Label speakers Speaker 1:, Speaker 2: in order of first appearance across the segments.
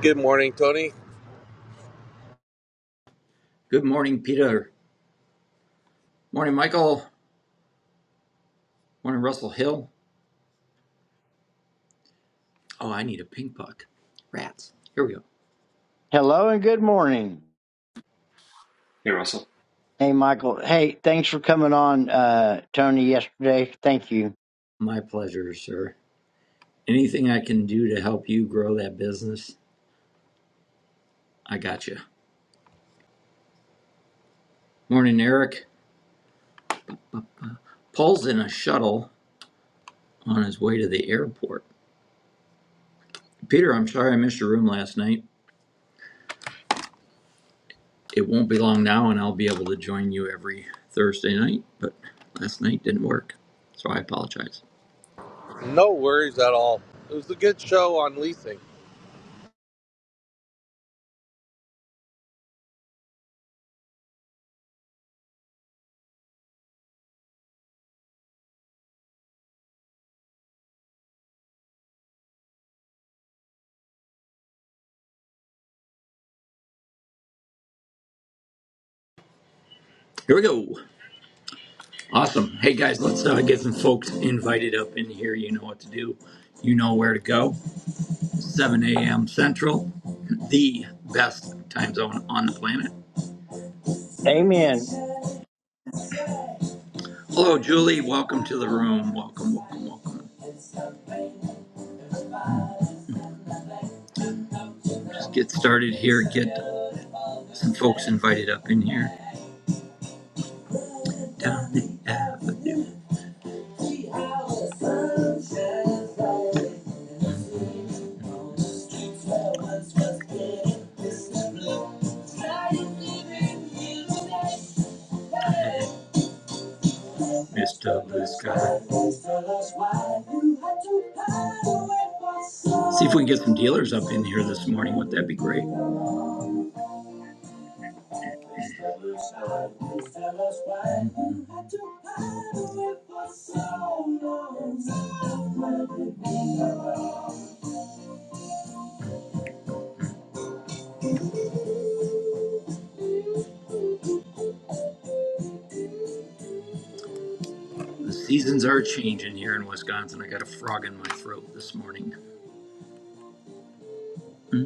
Speaker 1: Good morning, Tony.
Speaker 2: Good morning, Peter. Morning, Michael. Morning, Russell Hill. Oh, I need a pink puck. Here we go.
Speaker 3: Hello and good morning.
Speaker 4: Hey Russell.
Speaker 3: Hey, Michael. Hey, thanks for coming on, uh, Tony, yesterday. Thank you.
Speaker 2: My pleasure, sir. Anything I can do to help you grow that business, I got you. Morning, Eric. Paul's in a shuttle on his way to the airport. Peter, I'm sorry I missed your room last night. it won't be long now and I'll be able to join you every Thursday night, but last night didn't work. So I apologize.
Speaker 1: No worries at all. It was a good show on leasing.
Speaker 2: Here we go. Awesome. Hey guys, let's uh, get some folks invited up in here. You know what to do, you know where to go. 7 a.m. Central, the best time zone on the planet.
Speaker 3: Amen.
Speaker 2: Hello, Julie. Welcome to the room. Welcome, welcome, welcome. Just get started here. Get some folks invited up in here. Down the avenue, Mr. Blue Sky. we can get some dealers up in here this morning. Would not that be great? The seasons are changing here in Wisconsin. I got a frog in my throat this morning. Hmm,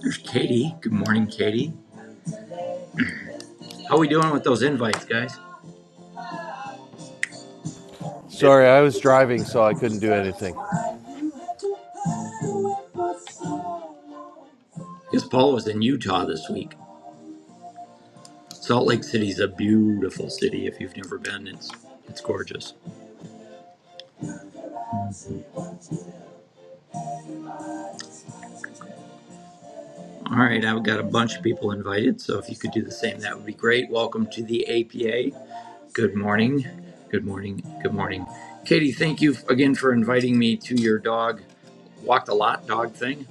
Speaker 2: There's Katie. Good morning, Katie. are we doing with those invites, guys?
Speaker 1: Sorry, I was driving, so I couldn't do anything.
Speaker 2: I guess Paul was in Utah this week. Salt Lake City's a beautiful city. If you've never been, it's it's gorgeous. All right, I've got a bunch of people invited, so if you could do the same, that would be great. Welcome to the APA. Good morning. Good morning. Good morning. Katie, thank you again for inviting me to your dog walked a lot dog thing.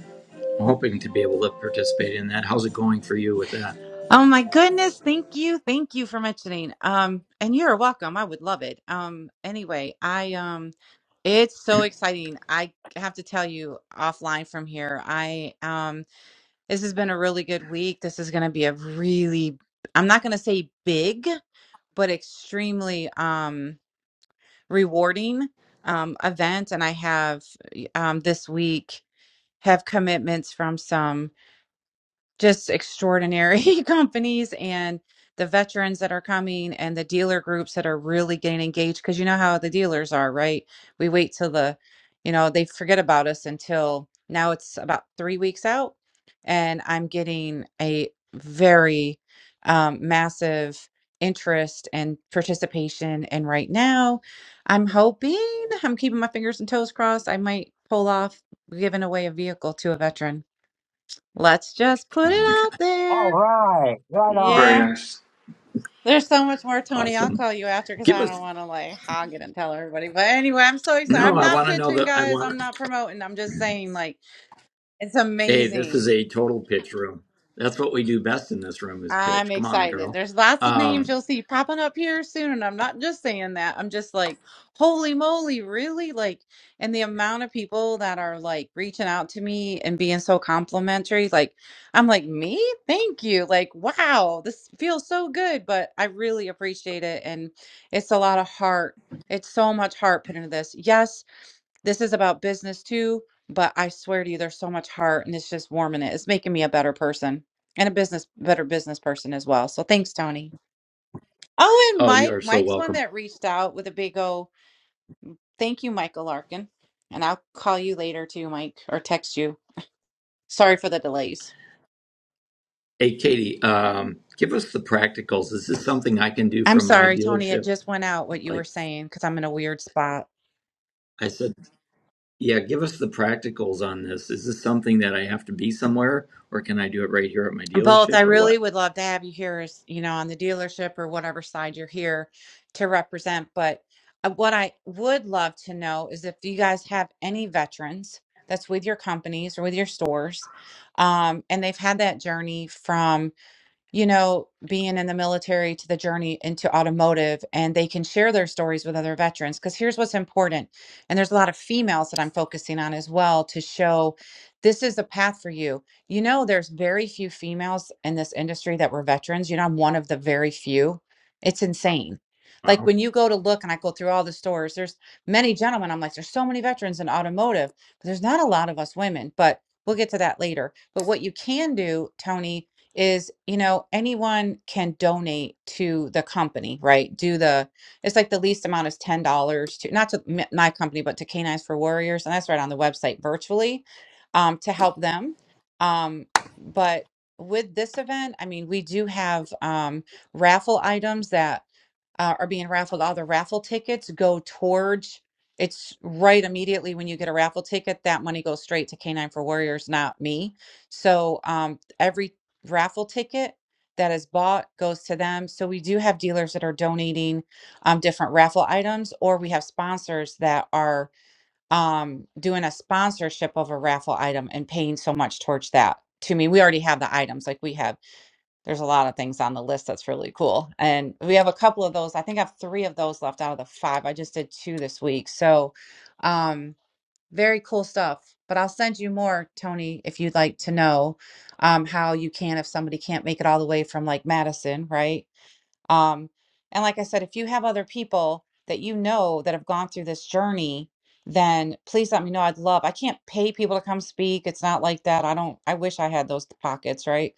Speaker 2: I'm hoping to be able to participate in that. How's it going for you with that?
Speaker 5: Oh my goodness, thank you. Thank you for mentioning. Um and you're welcome. I would love it. Um anyway, I um it's so exciting. I have to tell you offline from here. I um this has been a really good week. This is going to be a really I'm not going to say big, but extremely um rewarding um event and I have um this week have commitments from some just extraordinary companies and the veterans that are coming and the dealer groups that are really getting engaged because you know how the dealers are right we wait till the you know they forget about us until now it's about three weeks out and i'm getting a very um, massive interest and participation and right now i'm hoping i'm keeping my fingers and toes crossed i might pull off giving away a vehicle to a veteran Let's just
Speaker 2: Oh
Speaker 5: put it
Speaker 2: my
Speaker 5: out
Speaker 2: god.
Speaker 3: All
Speaker 5: there.
Speaker 3: right. Right on.
Speaker 4: Very
Speaker 5: Yeah.
Speaker 4: nice.
Speaker 5: There's so much more, Tony. I'll
Speaker 2: Awesome.
Speaker 5: call you after because
Speaker 2: Give
Speaker 5: I don't
Speaker 2: us
Speaker 5: want to like hog it and tell everybody. But anyway, I'm so excited.
Speaker 2: No,
Speaker 5: I'm
Speaker 2: I
Speaker 5: not
Speaker 2: want to know
Speaker 5: pitching,
Speaker 2: that I
Speaker 5: guys. I'm
Speaker 2: want
Speaker 5: not promoting. I'm just saying, like, it's
Speaker 2: Hey, this
Speaker 5: amazing
Speaker 2: is a total pitch room. That's what we do best in this room is
Speaker 5: I'm
Speaker 2: pitch. Come on,
Speaker 5: excited.
Speaker 2: girl.
Speaker 5: There's lots of names
Speaker 2: Um
Speaker 5: you'll see popping up here soon, and I'm not just saying that. I'm just like, holy moly, really? Like, and the amount of people that are like reaching out to me and being so complimentary, like, I'm like, me? Thank you. Like, wow, this feels so good, but I really appreciate it. And it's a lot of heart. It's so much heart put into this. Yes, this is about business too, but I swear to you, there's so much heart and it's just warming it. It's making me a better person and a business, better business person as well. So thanks, Tony. Oh, and
Speaker 2: oh, you
Speaker 5: Mike,
Speaker 2: are so
Speaker 5: Mike's one
Speaker 2: welcome.
Speaker 5: that reached out with a big O. Thank you, Michael Larkin. And I'll call you later too, Mike, or text you. Sorry for the delays.
Speaker 2: Hey Katie, um give us the practicals. Is this something I can do
Speaker 5: I'm
Speaker 2: from my
Speaker 5: sorry, Tony. It
Speaker 2: dealership?
Speaker 5: just went out what you were
Speaker 2: Like
Speaker 5: saying because I'm in a weird spot.
Speaker 2: I said Yeah, give us the practicals on this. Is this something that I have to be somewhere, or can I do it right here at my
Speaker 5: both i
Speaker 2: dealership, or
Speaker 5: really
Speaker 2: what?
Speaker 5: would love to have you here as you know on the dealership or whatever side you're here to represent but uh, what i would love to know is if you guys have any veterans that's with your companies or with your stores um, and they've had that journey from you know, being in the military to the journey into automotive, and they can share their stories with other veterans. Because here's what's important, and there's a lot of females that I'm focusing on as well to show this is a path for you. You know, there's very few females in this industry that were veterans. You know, I'm one of the very few. It's insane. Like
Speaker 2: Wow.
Speaker 5: when you go to look, and I go through all the stores, there's many gentlemen. I'm like, there's so many veterans in automotive, but there's not a lot of us women. But we'll get to that later. But what you can do, Tony, is you know anyone can donate to the company right do the it's like the least amount is ten dollars to not to m- my company but to canines for warriors and that's right on the website virtually um, to help them um, but with this event i mean we do have um, raffle items that uh, are being raffled. All the raffle tickets go towards it's right immediately when you get a raffle ticket, that money goes straight to Canine for Warriors, not me. So um, every raffle ticket that is bought goes to them. So we do have dealers that are donating um, different raffle items, or we have sponsors that are um, doing a sponsorship of a raffle item and paying so much towards that. To me, we already have the items, like we have there's a lot of things on the list that's really cool. And we have a couple of those. I think I have three of those left out of the five. I just did two this week. So, um, very cool stuff. But I'll send you more, Tony, if you'd like to know um, how you can, if somebody can't make it all the way from like Madison, right? Um, and like I said, if you have other people that you know that have gone through this journey, then please let me know. I'd love, I can't pay people to come speak. It's not like that. I don't, I wish I had those pockets, right?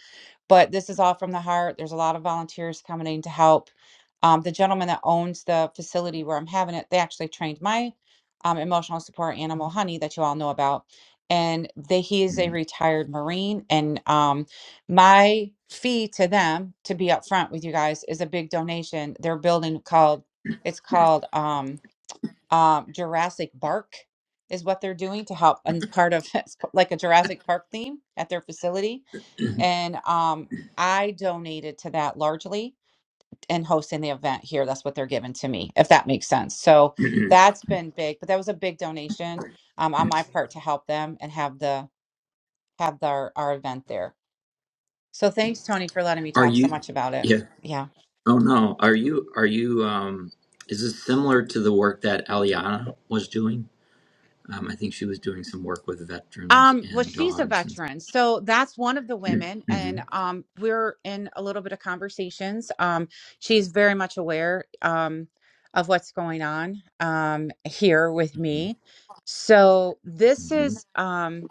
Speaker 5: But this is all from the heart. There's a lot of volunteers coming in to help. Um, the gentleman that owns the facility where I'm having it, they actually trained my um, emotional support animal, Honey, that you all know about. And they, he is a retired Marine and um, my fee to them to be upfront with you guys is a big donation they're building called it's called um um jurassic bark is what they're doing to help and part of it's like a jurassic park theme at their facility and um i donated to that largely and hosting the event here that's what they're giving to me if that makes sense so that's been big but that was a big donation um, on my part to help them and have the have their our event there so thanks, Tony, for letting me
Speaker 2: Are
Speaker 5: talk so
Speaker 2: you?
Speaker 5: much about it.
Speaker 2: Yeah.
Speaker 5: Yeah.
Speaker 2: Oh no. Are you? Are you? Um, is this similar to the work that Aliana was doing? Um, I think she was doing some work with veterans
Speaker 5: Um, well,
Speaker 2: and
Speaker 5: she's a
Speaker 2: dogs and.
Speaker 5: veteran. So that's one of the women.
Speaker 2: hmm
Speaker 5: And um, we're in a little bit of conversations. Um, she's very much aware um, of what's going on um, here with me. So this
Speaker 2: hmm
Speaker 5: is, um,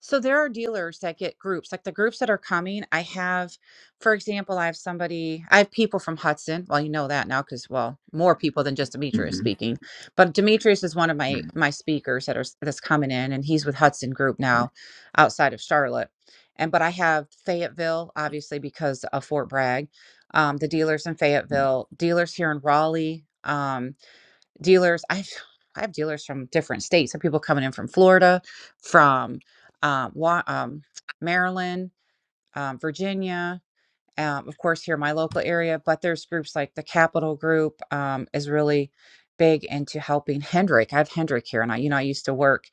Speaker 5: So there are dealers that get groups, like the groups that are coming. I have, for example, I have somebody, I have people from Hudson. Well, you know that now because, well, more people than just Demetrius
Speaker 2: hmm
Speaker 5: speaking. But Demetrius is one of my
Speaker 2: hmm
Speaker 5: my speakers that are s- that's coming in, and he's with Hudson Group now, outside of Charlotte. And but I have Fayetteville, obviously because of Fort Bragg, um, the dealers in Fayetteville, dealers here in Raleigh. Um, dealers i have i have dealers from different states I Have people coming in from florida from um, Wa- um maryland um, virginia um, of course, here in my local area, but there's groups like the Capital Group um, is really big into helping Hendrick. I have Hendrick here, and I, you know, I used to work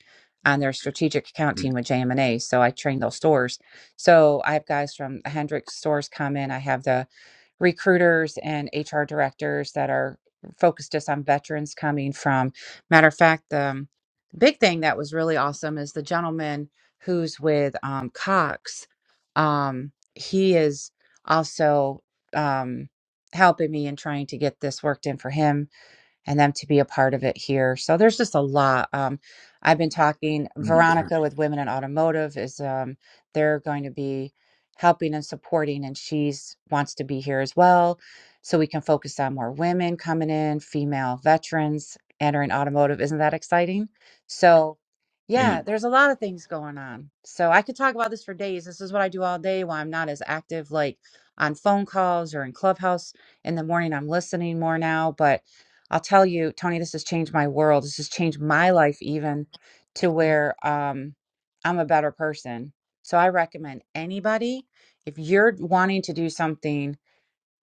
Speaker 5: on their strategic account team with JM&A, so I train those stores. So I have guys from the Hendrick stores come in. I have the recruiters and HR directors that are focused just on veterans coming from. Matter of fact, the um, big thing that was really awesome is the gentleman who's with um, Cox. Um, he is also um, helping me and trying to get this worked in for him and them to be a part of it here. So there's just a lot. Um, I've been talking
Speaker 2: Oh my god,
Speaker 5: Veronica with Women in Automotive is um, they're going to be helping and supporting, and she's wants to be here as well, so we can focus on more women coming in, female veterans entering automotive. Isn't that exciting? So. Yeah,
Speaker 2: man.
Speaker 5: there's a lot of things going on. So I could talk about this for days. This is what I do all day while I'm not as active like on phone calls or in Clubhouse in the morning. I'm listening more now, but I'll tell you, Tony, this has changed my world. This has changed my life even to where um, I'm a better person. So I recommend anybody if you're wanting to do something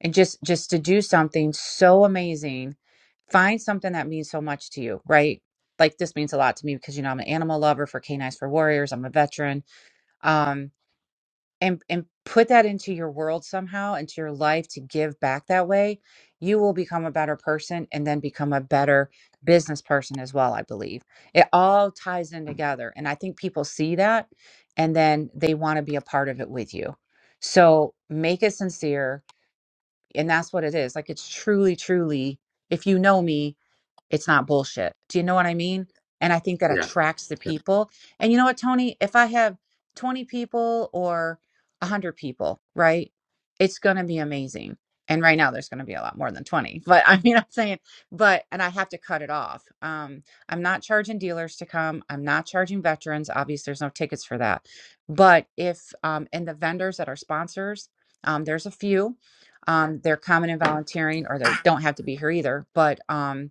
Speaker 5: and just just to do something so amazing, find something that means so much to you, right? Like this means a lot to me because you know I'm an animal lover for Canines for Warriors. I'm a veteran. Um, and and put that into your world somehow into your life to give back that way you will become a better person and then become a better business person as well i believe it all ties in together and i think people see that and then they want to be a part of it with you so make it sincere and that's what it is like it's truly truly if you know me it's not bullshit. Do you know what I mean? And I think that
Speaker 2: Yeah.
Speaker 5: attracts the
Speaker 2: Yeah.
Speaker 5: people. And you know what, Tony? If I have 20 people or 100 people, right? It's going to be amazing. And right now there's going to be a lot more than 20. But I mean, I'm saying, but, and I have to cut it off. Um, I'm not charging dealers to come. I'm not charging veterans. Obviously, there's no tickets for that. But if, um, and the vendors that are sponsors, um, there's a few um, they're common and volunteering, or they don't have to be here either. But um,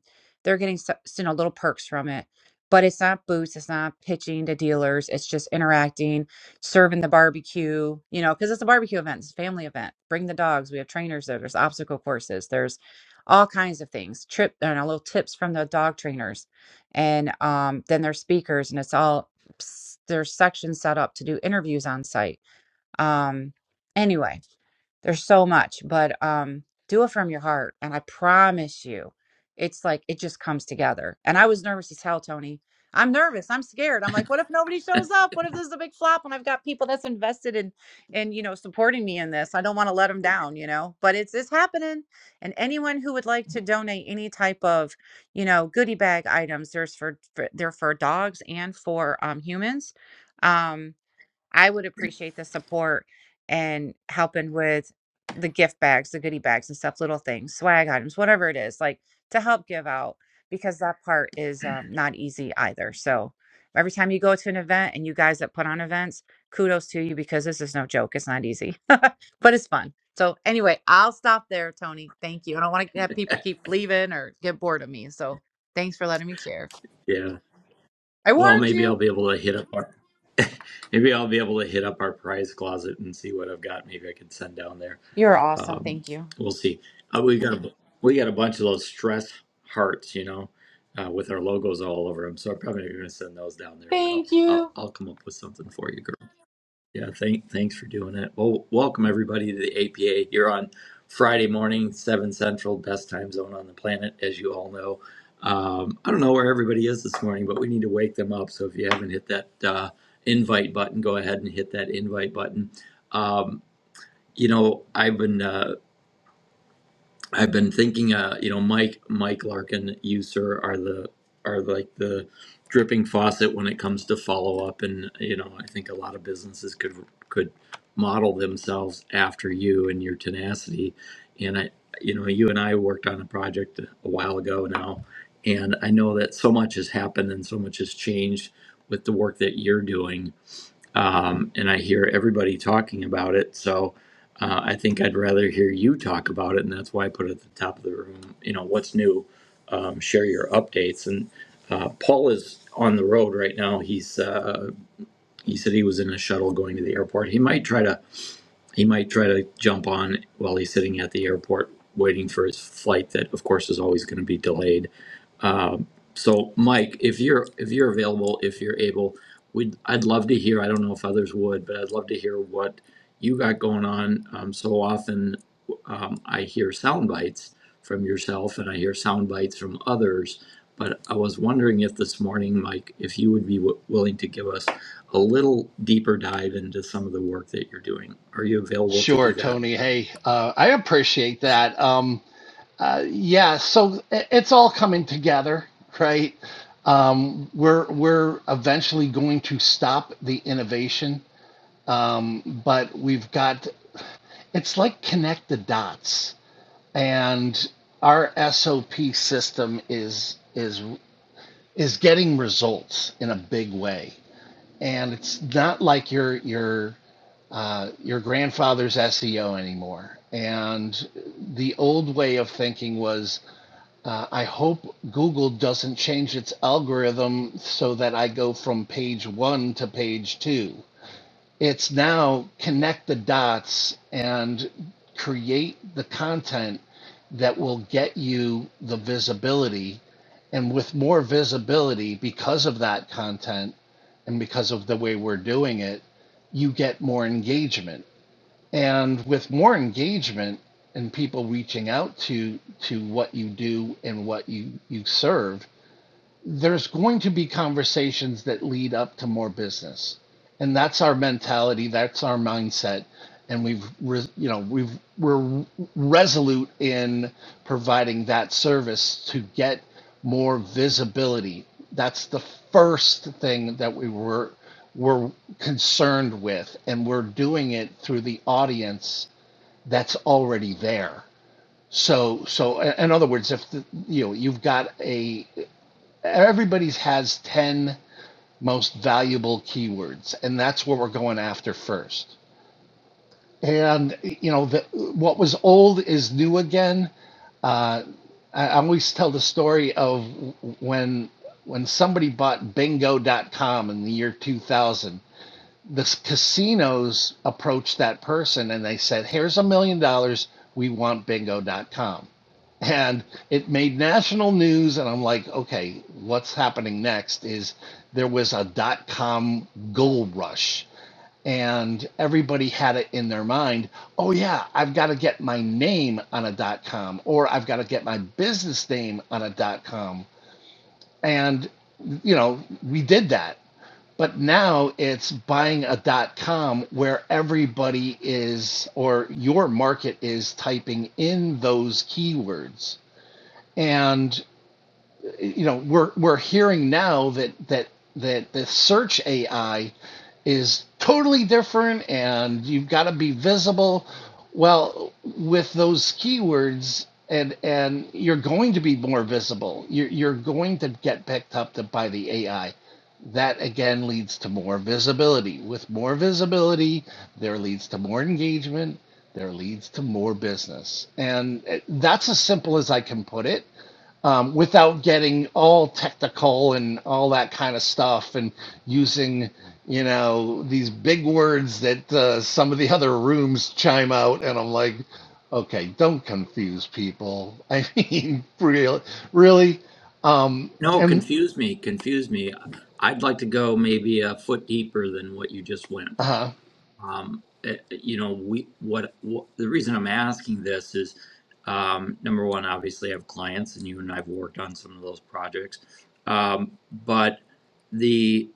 Speaker 5: they're getting so, you know little perks from it. But it's not boots, it's not pitching to dealers, it's just interacting, serving the barbecue, you know, because it's a barbecue event, it's a family event. Bring the dogs. We have trainers there, there's obstacle courses, there's all kinds of things. Trip and uh, little tips from the dog trainers. And um, then there's speakers and it's all there's sections set up to do interviews on site. Um anyway, there's so much, but um, do it from your heart. And I promise you, it's like it just comes together. And I was nervous as hell, Tony. I'm nervous. I'm scared. I'm like, what if nobody shows up? What if this is a big flop? And I've got people that's invested in, in you know, supporting me in this. I don't want to let them down, you know. But it's it's happening. And anyone who would like to donate any type of, you know, goodie bag items, there's for, for they're for dogs and for um, humans. Um, I would appreciate the support and helping with the gift bags, the goodie bags and stuff, little things, swag items, whatever it is, like to help give out because that part is um, not easy either. So every time you go to an event and you guys that put on events, kudos to you because this is no joke. It's not easy, but it's fun. So anyway, I'll stop there, Tony. Thank you. I don't want to have people keep leaving or get bored of me. So thanks for letting me share.
Speaker 2: Yeah.
Speaker 5: I
Speaker 2: Well,
Speaker 5: warned
Speaker 2: maybe I'll
Speaker 5: you.
Speaker 2: be able to hit up our maybe I'll be able to hit up our prize closet and see what I've got. Maybe I can send down there.
Speaker 5: You're awesome.
Speaker 2: Um,
Speaker 5: Thank you.
Speaker 2: we'll see. Uh, we got a we got a bunch of those stress hearts, you know, uh, with our logos all over them. So I'm probably not going to send those down there, but I'll,
Speaker 5: Thank
Speaker 2: I'll
Speaker 5: you.
Speaker 2: I'll come up with something for you, girl. Yeah, thank, thanks for doing that. Well, welcome everybody to the APA here on Friday morning, 7 Central, best time zone on the planet, as you all know. Um, I don't know where everybody is this morning, but we need to wake them up. So if you haven't hit that uh, invite button, go ahead and hit that invite button. Um, you know, I've been uh, I've been thinking, uh, you know, Mike, Mike Larkin, you sir, are the are like the dripping faucet when it comes to follow up, and you know, I think a lot of businesses could could model themselves after you and your tenacity. And I, you know, you and I worked on a project a while ago now, and I know that so much has happened and so much has changed with the work that you're doing um, and I hear everybody talking about it. So uh, I think I'd rather hear you talk about it, and that's why I put it at the top of the room. You know, what's new? Um, share your updates. And uh, Paul is on the road right now. He's uh, he said he was in a shuttle going to the airport. He might try to he might try to jump on while he's sitting at the airport waiting for his flight. That of course is always going to be delayed so, Mike, if you're if you're available, if you're able, we'd I'd love to hear. I don't know if others would, but I'd love to hear what you got going on. Um, so often, um, I hear sound bites from yourself, and I hear sound bites from others. But I was wondering if this morning, Mike, if you would be w- willing to give us a little deeper dive into some of the work that you're doing. Are you available to do
Speaker 6: Sure,
Speaker 2: that?
Speaker 6: Tony. Hey, uh, I appreciate that. Um, uh, yeah, so i- it's all coming together, right? Um, we're we're eventually going to stop the innovation, but we've got it's like connect the dots, and our SOP system is is is getting results in a big way, and it's not like you're you're uh, your grandfather's SEO anymore. And the old way of thinking was, uh, I hope Google doesn't change its algorithm so that I go from page one to page two. It's now connect the dots and create the content that will get you the visibility. And with more visibility because of that content and because of the way we're doing it, you get more engagement and with more engagement and people reaching out to to what you do and what you you serve, there's going to be conversations that lead up to more business and that's our mentality that's our mindset and we've re- you know we've we're resolute in providing that service to get more visibility that's the first thing that we were we're concerned with and we're doing it through the audience that's already there so so in other words if the, you know you've got a everybody's has 10 most valuable keywords and that's what we're going after first and you know the, what was old is new again i I always tell the story of when when somebody bought bingo.com in the year 2000 the casinos approached that person and they said, "Here's a million dollars. We want bingo.com." And it made national news and I'm like, "Okay, what's happening next is there was a dot com gold rush and everybody had it in their mind, "Oh yeah, I've got to get my name on a dot com or I've got to get my business name on a dot com." And you know, we did that but now it's buying a com where everybody is, or your market is typing in those keywords. And you know we're we're hearing now that that that the search AI is totally different and you've got to be visible well with those keywords and and you're going to be more visible you're, you're going to get picked up to, by the AI that again leads to more visibility with more visibility there leads to more engagement there leads to more business and eh, that's as simple as I can put it um, without getting all technical and all that kind of stuff and using you know these big words that uh, some of the other rooms chime out and i'm like okay don't confuse people i mean really, really um,
Speaker 2: No,
Speaker 6: and
Speaker 2: confuse me, confuse me. I'd like to go maybe a foot deeper than what you just went.
Speaker 6: uh-huh.
Speaker 2: um, it- you know, we what, what the reason I'm asking this is um, number one, obviously, I have clients, and you and I've worked on some of those projects, um, but the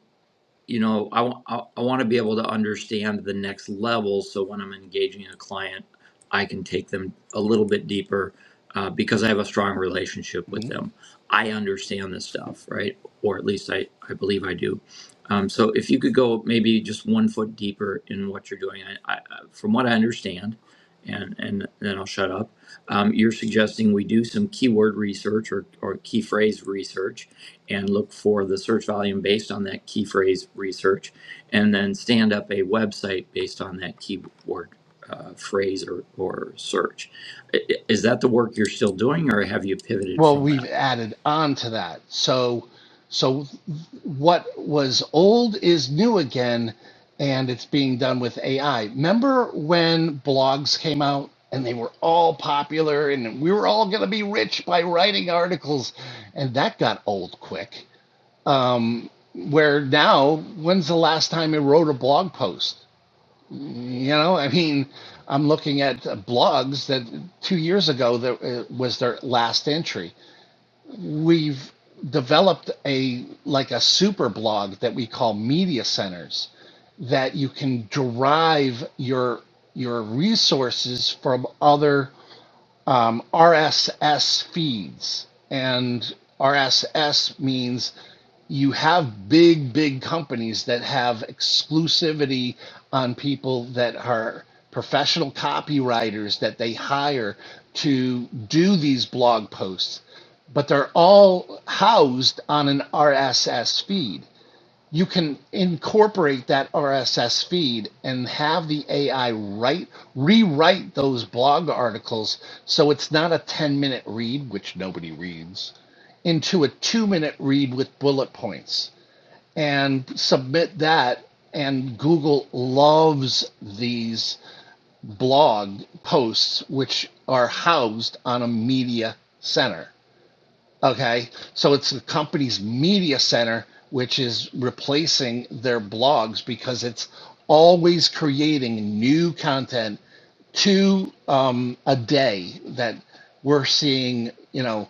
Speaker 2: you know, I, I, I want to be able to understand the next level. So when I'm engaging a client, I can take them a little bit deeper uh, because I have a strong relationship
Speaker 6: mm-hmm.
Speaker 2: with them. I understand this stuff, right? Or at least I, I believe I do. Um, so if you could go maybe just one foot deeper in what you're doing, I, I, from what I understand, and, and then I'll shut up. Um, you're suggesting we do some keyword research or, or key phrase research and look for the search volume based on that key phrase research, and then stand up a website based on that keyword uh, phrase or, or search. I- i- Is that the work you're still doing, or have you pivoted
Speaker 6: Well,
Speaker 2: from
Speaker 6: we've
Speaker 2: that?
Speaker 6: added on to that. So, so what was old is new again, and it's being done with AI. Remember when blogs came out and they were all popular, and we were all going to be rich by writing articles, and that got old quick. Um, where now, when's the last time you wrote a blog post? You know, I mean, I'm looking at blogs that two years ago that uh, was their last entry we've developed a like a super blog that we call media centers that you can derive your your resources from other um, RSS feeds. And RSS means you have big, big companies that have exclusivity on people that are professional copywriters that they hire to do these blog posts, but they're all housed on an RSS feed you can incorporate that RSS feed and have the AI write rewrite those blog articles so it's not a 10 minute read, which nobody reads, into a two minute read with bullet points and submit that. And Google loves these blog posts, which are housed on a media center. Okay, so it's the company's media center which is replacing their blogs because it's always creating new content two um, a day that we're seeing. You know,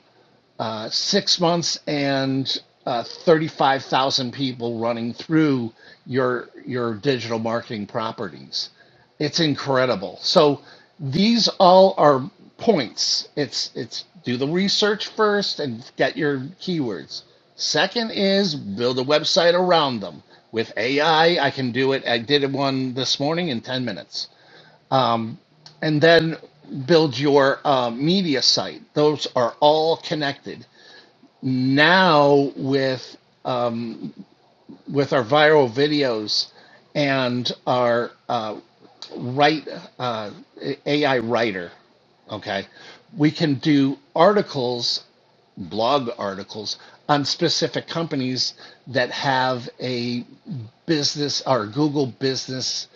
Speaker 6: uh, six months and uh, 35,000 people running through your your digital marketing properties. It's incredible. So these all are points. It's it's do the research first and get your keywords. Second is build a website around them. With AI, I I can do it. I did one this morning in 10 minutes. And then build your uh, media site. Those are all connected now with um, with our viral videos and our uh, write uh, AI writer, okay, we can do articles, blog articles on specific companies that have a business or Google business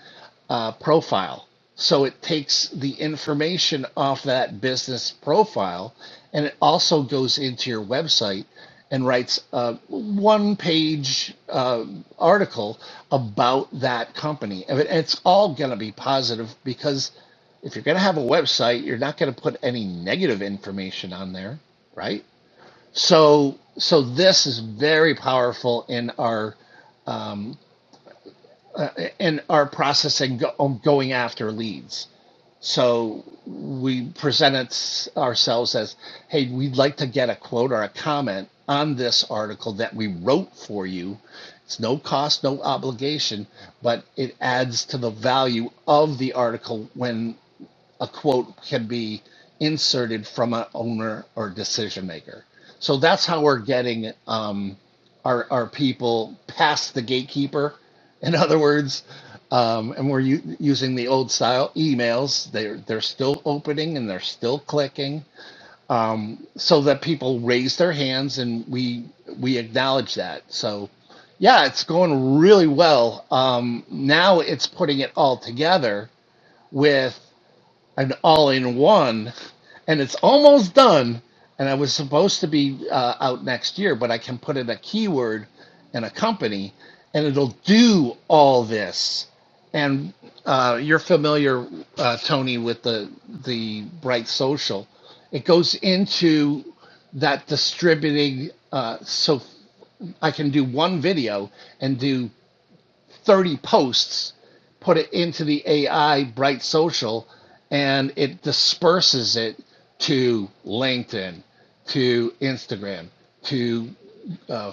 Speaker 6: uh, profile. So it takes the information off that business profile and it also goes into your website and writes a one page uh, article about that company. And it- it's all going to be positive because if you're going to have a website, you're not going to put any negative information on there, right? So, so this is very powerful in our um, in our process and go, um, going after leads. So we presented ourselves as, hey, we'd like to get a quote or a comment on this article that we wrote for you. It's no cost, no obligation, but it adds to the value of the article when a quote can be inserted from an owner or decision maker. So that's how we're getting um, our our people past the gatekeeper. In other words, um, and we're u- using the old style emails. They're they're still opening and they're still clicking, um, so that people raise their hands and we we acknowledge that. So. Yeah, it's going really well. Um, now it's putting it all together with an all in one, and it's almost done. And I was supposed to be uh, out next year, but I can put in a keyword and a company, and it'll do all this. And uh, you're familiar, uh, Tony, with the the Bright Social. It goes into that distributing, uh, so I can do one video and do 30 posts, put it into the AI Bright Social, and it disperses it to LinkedIn, to Instagram, to uh,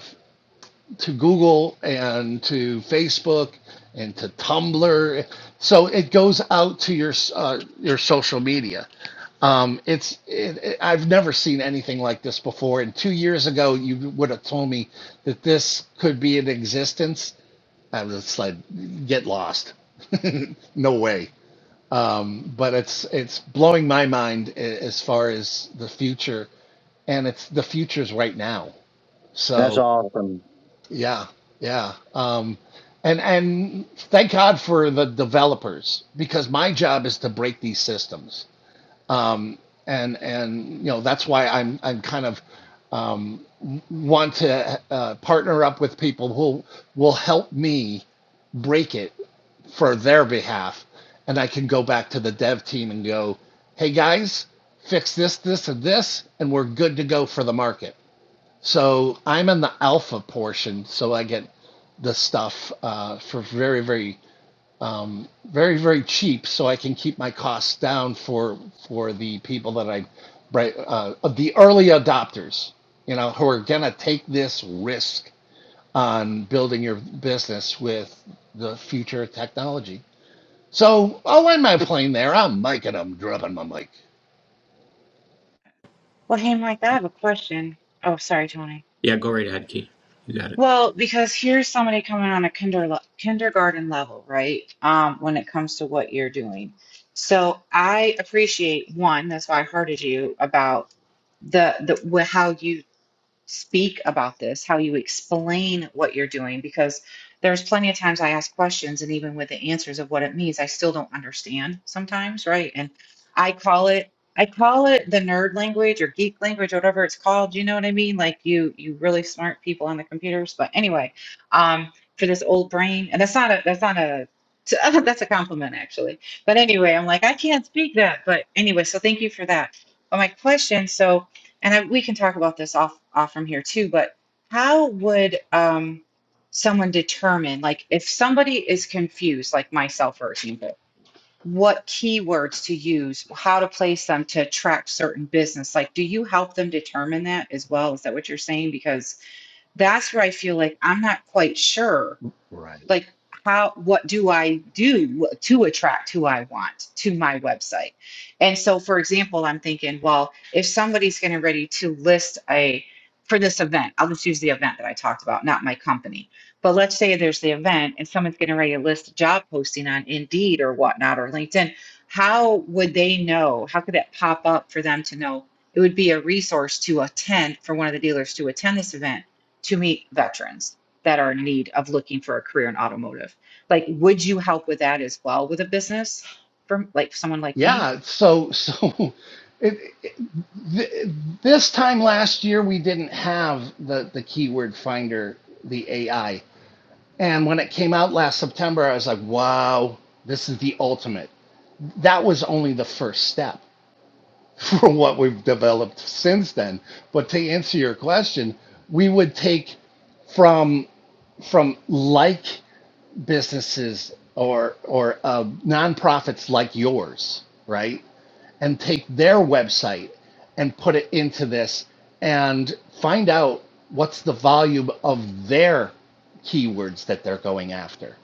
Speaker 6: to Google and to Facebook and to Tumblr. So it goes out to your uh, your social media. Um, it's it, it- I've never seen anything like this before. And two years ago, you would have told me that this could be in existence, I was just like, get lost. No way. Um, but it's it's blowing my mind as far as the future, and it's the future's right now.
Speaker 3: That's
Speaker 6: So
Speaker 3: awesome.
Speaker 6: yeah, yeah. Um, and and thank God for the developers because my job is to break these systems and and you know that's why I'm I'm kind of um, want to uh, partner up with people who will help me break it for their behalf, and I can go back to the dev team and go, hey guys, fix this, this, and this, and we're good to go for the market. So I'm in the alpha portion, so I get the stuff uh, for very very very very cheap so i can keep my costs down for for the people that i bri- uh, of the early adopters you know who are going to take this risk on building your business with the future of technology so i'll land my plane there i'm micing i'm dropping my mic
Speaker 5: Well, hey, Mike, I have a question. Oh, sorry, Tony.
Speaker 2: Yeah, go right ahead, Key. You got it.
Speaker 5: Well, because here's somebody coming on a kinder, kindergarten level, right? Um, when it comes to what you're doing. So I appreciate one, that's why I hearted you about the the wh- how you speak about this, how you explain what you're doing, because there's plenty of times I ask questions and even with the answers of what it means, I still don't understand sometimes, right? And I call it I call it the nerd language or geek language or whatever it's called. You know what I mean? Like you you really smart people on the computers. But anyway, um for this old brain, and that's not a that's not a that's a compliment actually. But anyway, I'm like, I can't speak that. But anyway, so thank you for that. But my question, so and I, we can talk about this off off from here too but how would um someone determine like if somebody is confused like myself for example what keywords to use how to place them to attract certain business like do you help them determine that as well is that what you're saying because that's where i feel like i'm not quite sure
Speaker 6: Right.
Speaker 5: like how what do i do to attract who i want to my website and so for example i'm thinking well if somebody's getting ready to list a for this event i'll just use the event that i talked about not my company but let's say there's the event and someone's getting ready to list a job posting on indeed or whatnot or linkedin how would they know how could that pop up for them to know it would be a resource to attend for one of the dealers to attend this event to meet veterans that are in need of looking for a career in automotive. Like, would you help with that as well with a business from like someone like me?
Speaker 6: yeah so so it, th- this time last year we didn't have the the keyword finder the ai And when it came out last September, I was like, wow, this is the ultimate. That was only the first step for what we've developed since then. But to answer your question, we would take from from like businesses or or uh, nonprofits like yours, right? And take their website and put it into this and find out what's the volume of their keywords that they're going after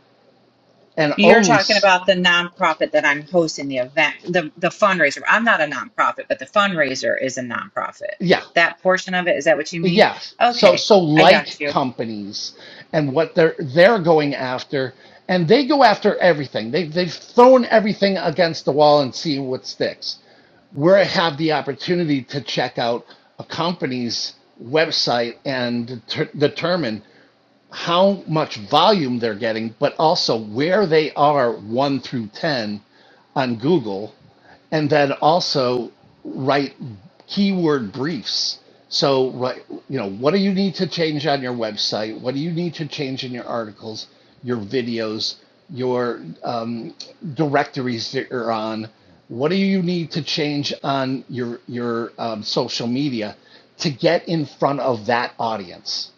Speaker 6: and
Speaker 5: You're
Speaker 6: only
Speaker 5: talking
Speaker 6: s-
Speaker 5: about the nonprofit that I'm hosting the event, the, the fundraiser. I'm not a nonprofit, but the fundraiser is a nonprofit.
Speaker 6: yeah
Speaker 5: That portion of it, is that what you mean?
Speaker 6: yes so
Speaker 5: Okay,
Speaker 6: so
Speaker 5: I got
Speaker 6: like
Speaker 5: you.
Speaker 6: companies and what they're they're going after and they go after everything they, they've thrown everything against the wall and see what sticks we have the opportunity to check out a company's website and deter- determine how much volume they're getting, but also where they are one through 10 on Google, and then also write keyword briefs. So, right, you know, what do you need to change on your website? What do you need to change in your articles, your videos, your um, directories that you're on? What do you need to change on your your um, social media to get in front of that audience?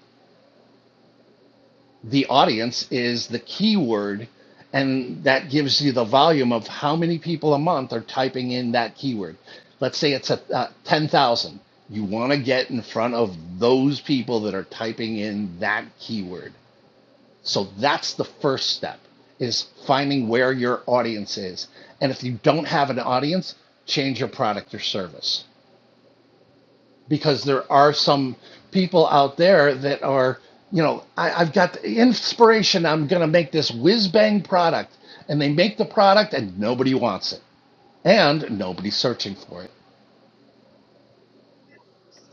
Speaker 6: the audience is the keyword and that gives you the volume of how many people a month are typing in that keyword let's say it's a, uh, 10,000 you want to get in front of those people that are typing in that keyword so that's the first step is finding where your audience is and if you don't have an audience change your product or service because there are some people out there that are, you know, I, I've got the inspiration. I'm going to make this whiz bang product. And they make the product and nobody wants it. And nobody's searching for it.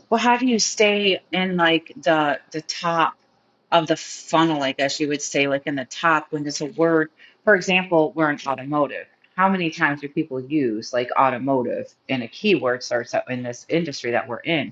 Speaker 5: Well, how do you stay in like the the top of the funnel, I guess you would say, like in the top when there's a word, for example, we're in automotive. How many times do people use like automotive in a keyword search that in this industry that we're in?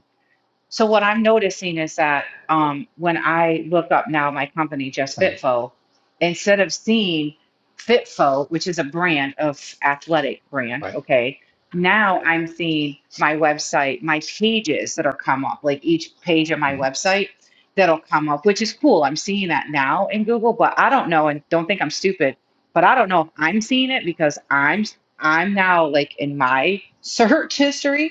Speaker 5: So what I'm noticing is that um, when I look up now my company, Just
Speaker 6: Um,
Speaker 5: Fitfo, instead of seeing Fitfo, which is a brand of athletic brand,
Speaker 6: right?
Speaker 5: okay, now I'm seeing my website, my pages that'll come up, like each page of my
Speaker 6: Mm-hmm.
Speaker 5: website that'll come up, which is cool. I'm seeing that now in Google, but I don't know and don't think I'm stupid, but I don't know if I'm seeing it because I'm I'm now like in my search history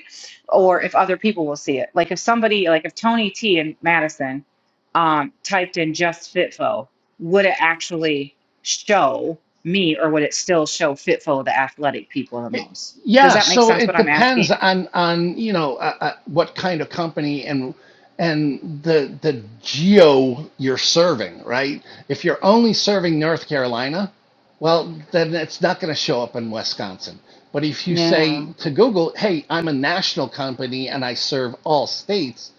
Speaker 5: or if other people will see it. Like if somebody, like if Tony T and Madison um, typed in just FitFo, would it actually show me or would it still show FitFo, the athletic people, the
Speaker 6: It,
Speaker 5: most? Does
Speaker 6: Yeah,
Speaker 5: that make
Speaker 6: so
Speaker 5: sense what
Speaker 6: it
Speaker 5: I'm
Speaker 6: depends
Speaker 5: asking?
Speaker 6: on on you know uh, uh, what kind of company and and the the geo you're serving, right? If you're only serving North Carolina, well, then it's not going to show up in Wisconsin. But if you say
Speaker 5: Yeah.
Speaker 6: to Google, "Hey, I'm a national company and I serve all states,"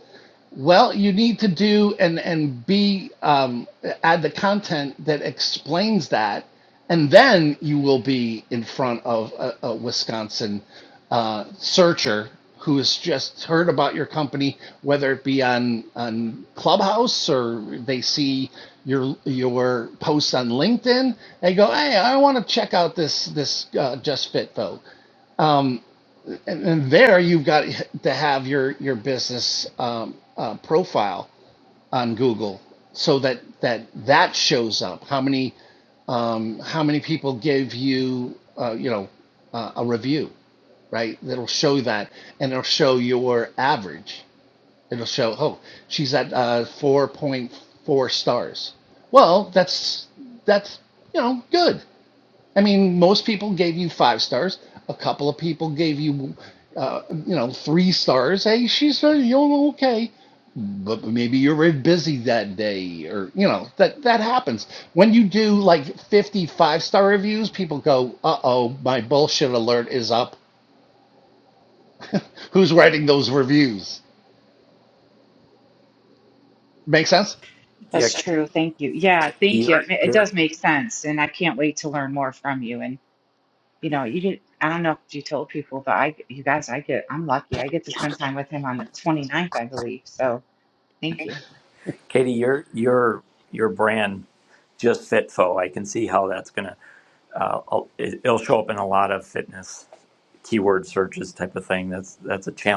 Speaker 6: Well, you need to do and and be um, add the content that explains that, and then you will be in front of a, a Wisconsin uh, searcher who has just heard about your company, whether it be on on Clubhouse or they see your your posts on LinkedIn. They go, "Hey, I want to check out this this uh, Just Fit Vogue." Um, and, and there you've got to have your your business um, uh, profile on Google so that that that shows up. How many um, how many people gave you uh, you know uh, a review, right? That'll show that, and it'll show your average. It'll show oh she's at uh, four point four stars. Well, that's that's you know good. I mean, most people gave you five stars. A couple of people gave you, uh, you know, three stars. Hey, she's uh, you are okay but maybe you're busy that day or you know that that happens when you do like 55 star reviews people go uh-oh my bullshit alert is up who's writing those reviews make sense
Speaker 2: Yeah,
Speaker 5: That's
Speaker 2: Katie,
Speaker 5: true. Thank you. Yeah, thank you.
Speaker 2: your
Speaker 5: It ma- it does make sense. And I can't wait to learn more from you. And, you know, you did, I don't know if you told people, but I, you guys, I get, I'm lucky. I get to spend time with him on the 29th, I believe. So thank you.
Speaker 2: Katie, your your your brand just fitfo. I can see how that's gonna. It'll show up in a lot of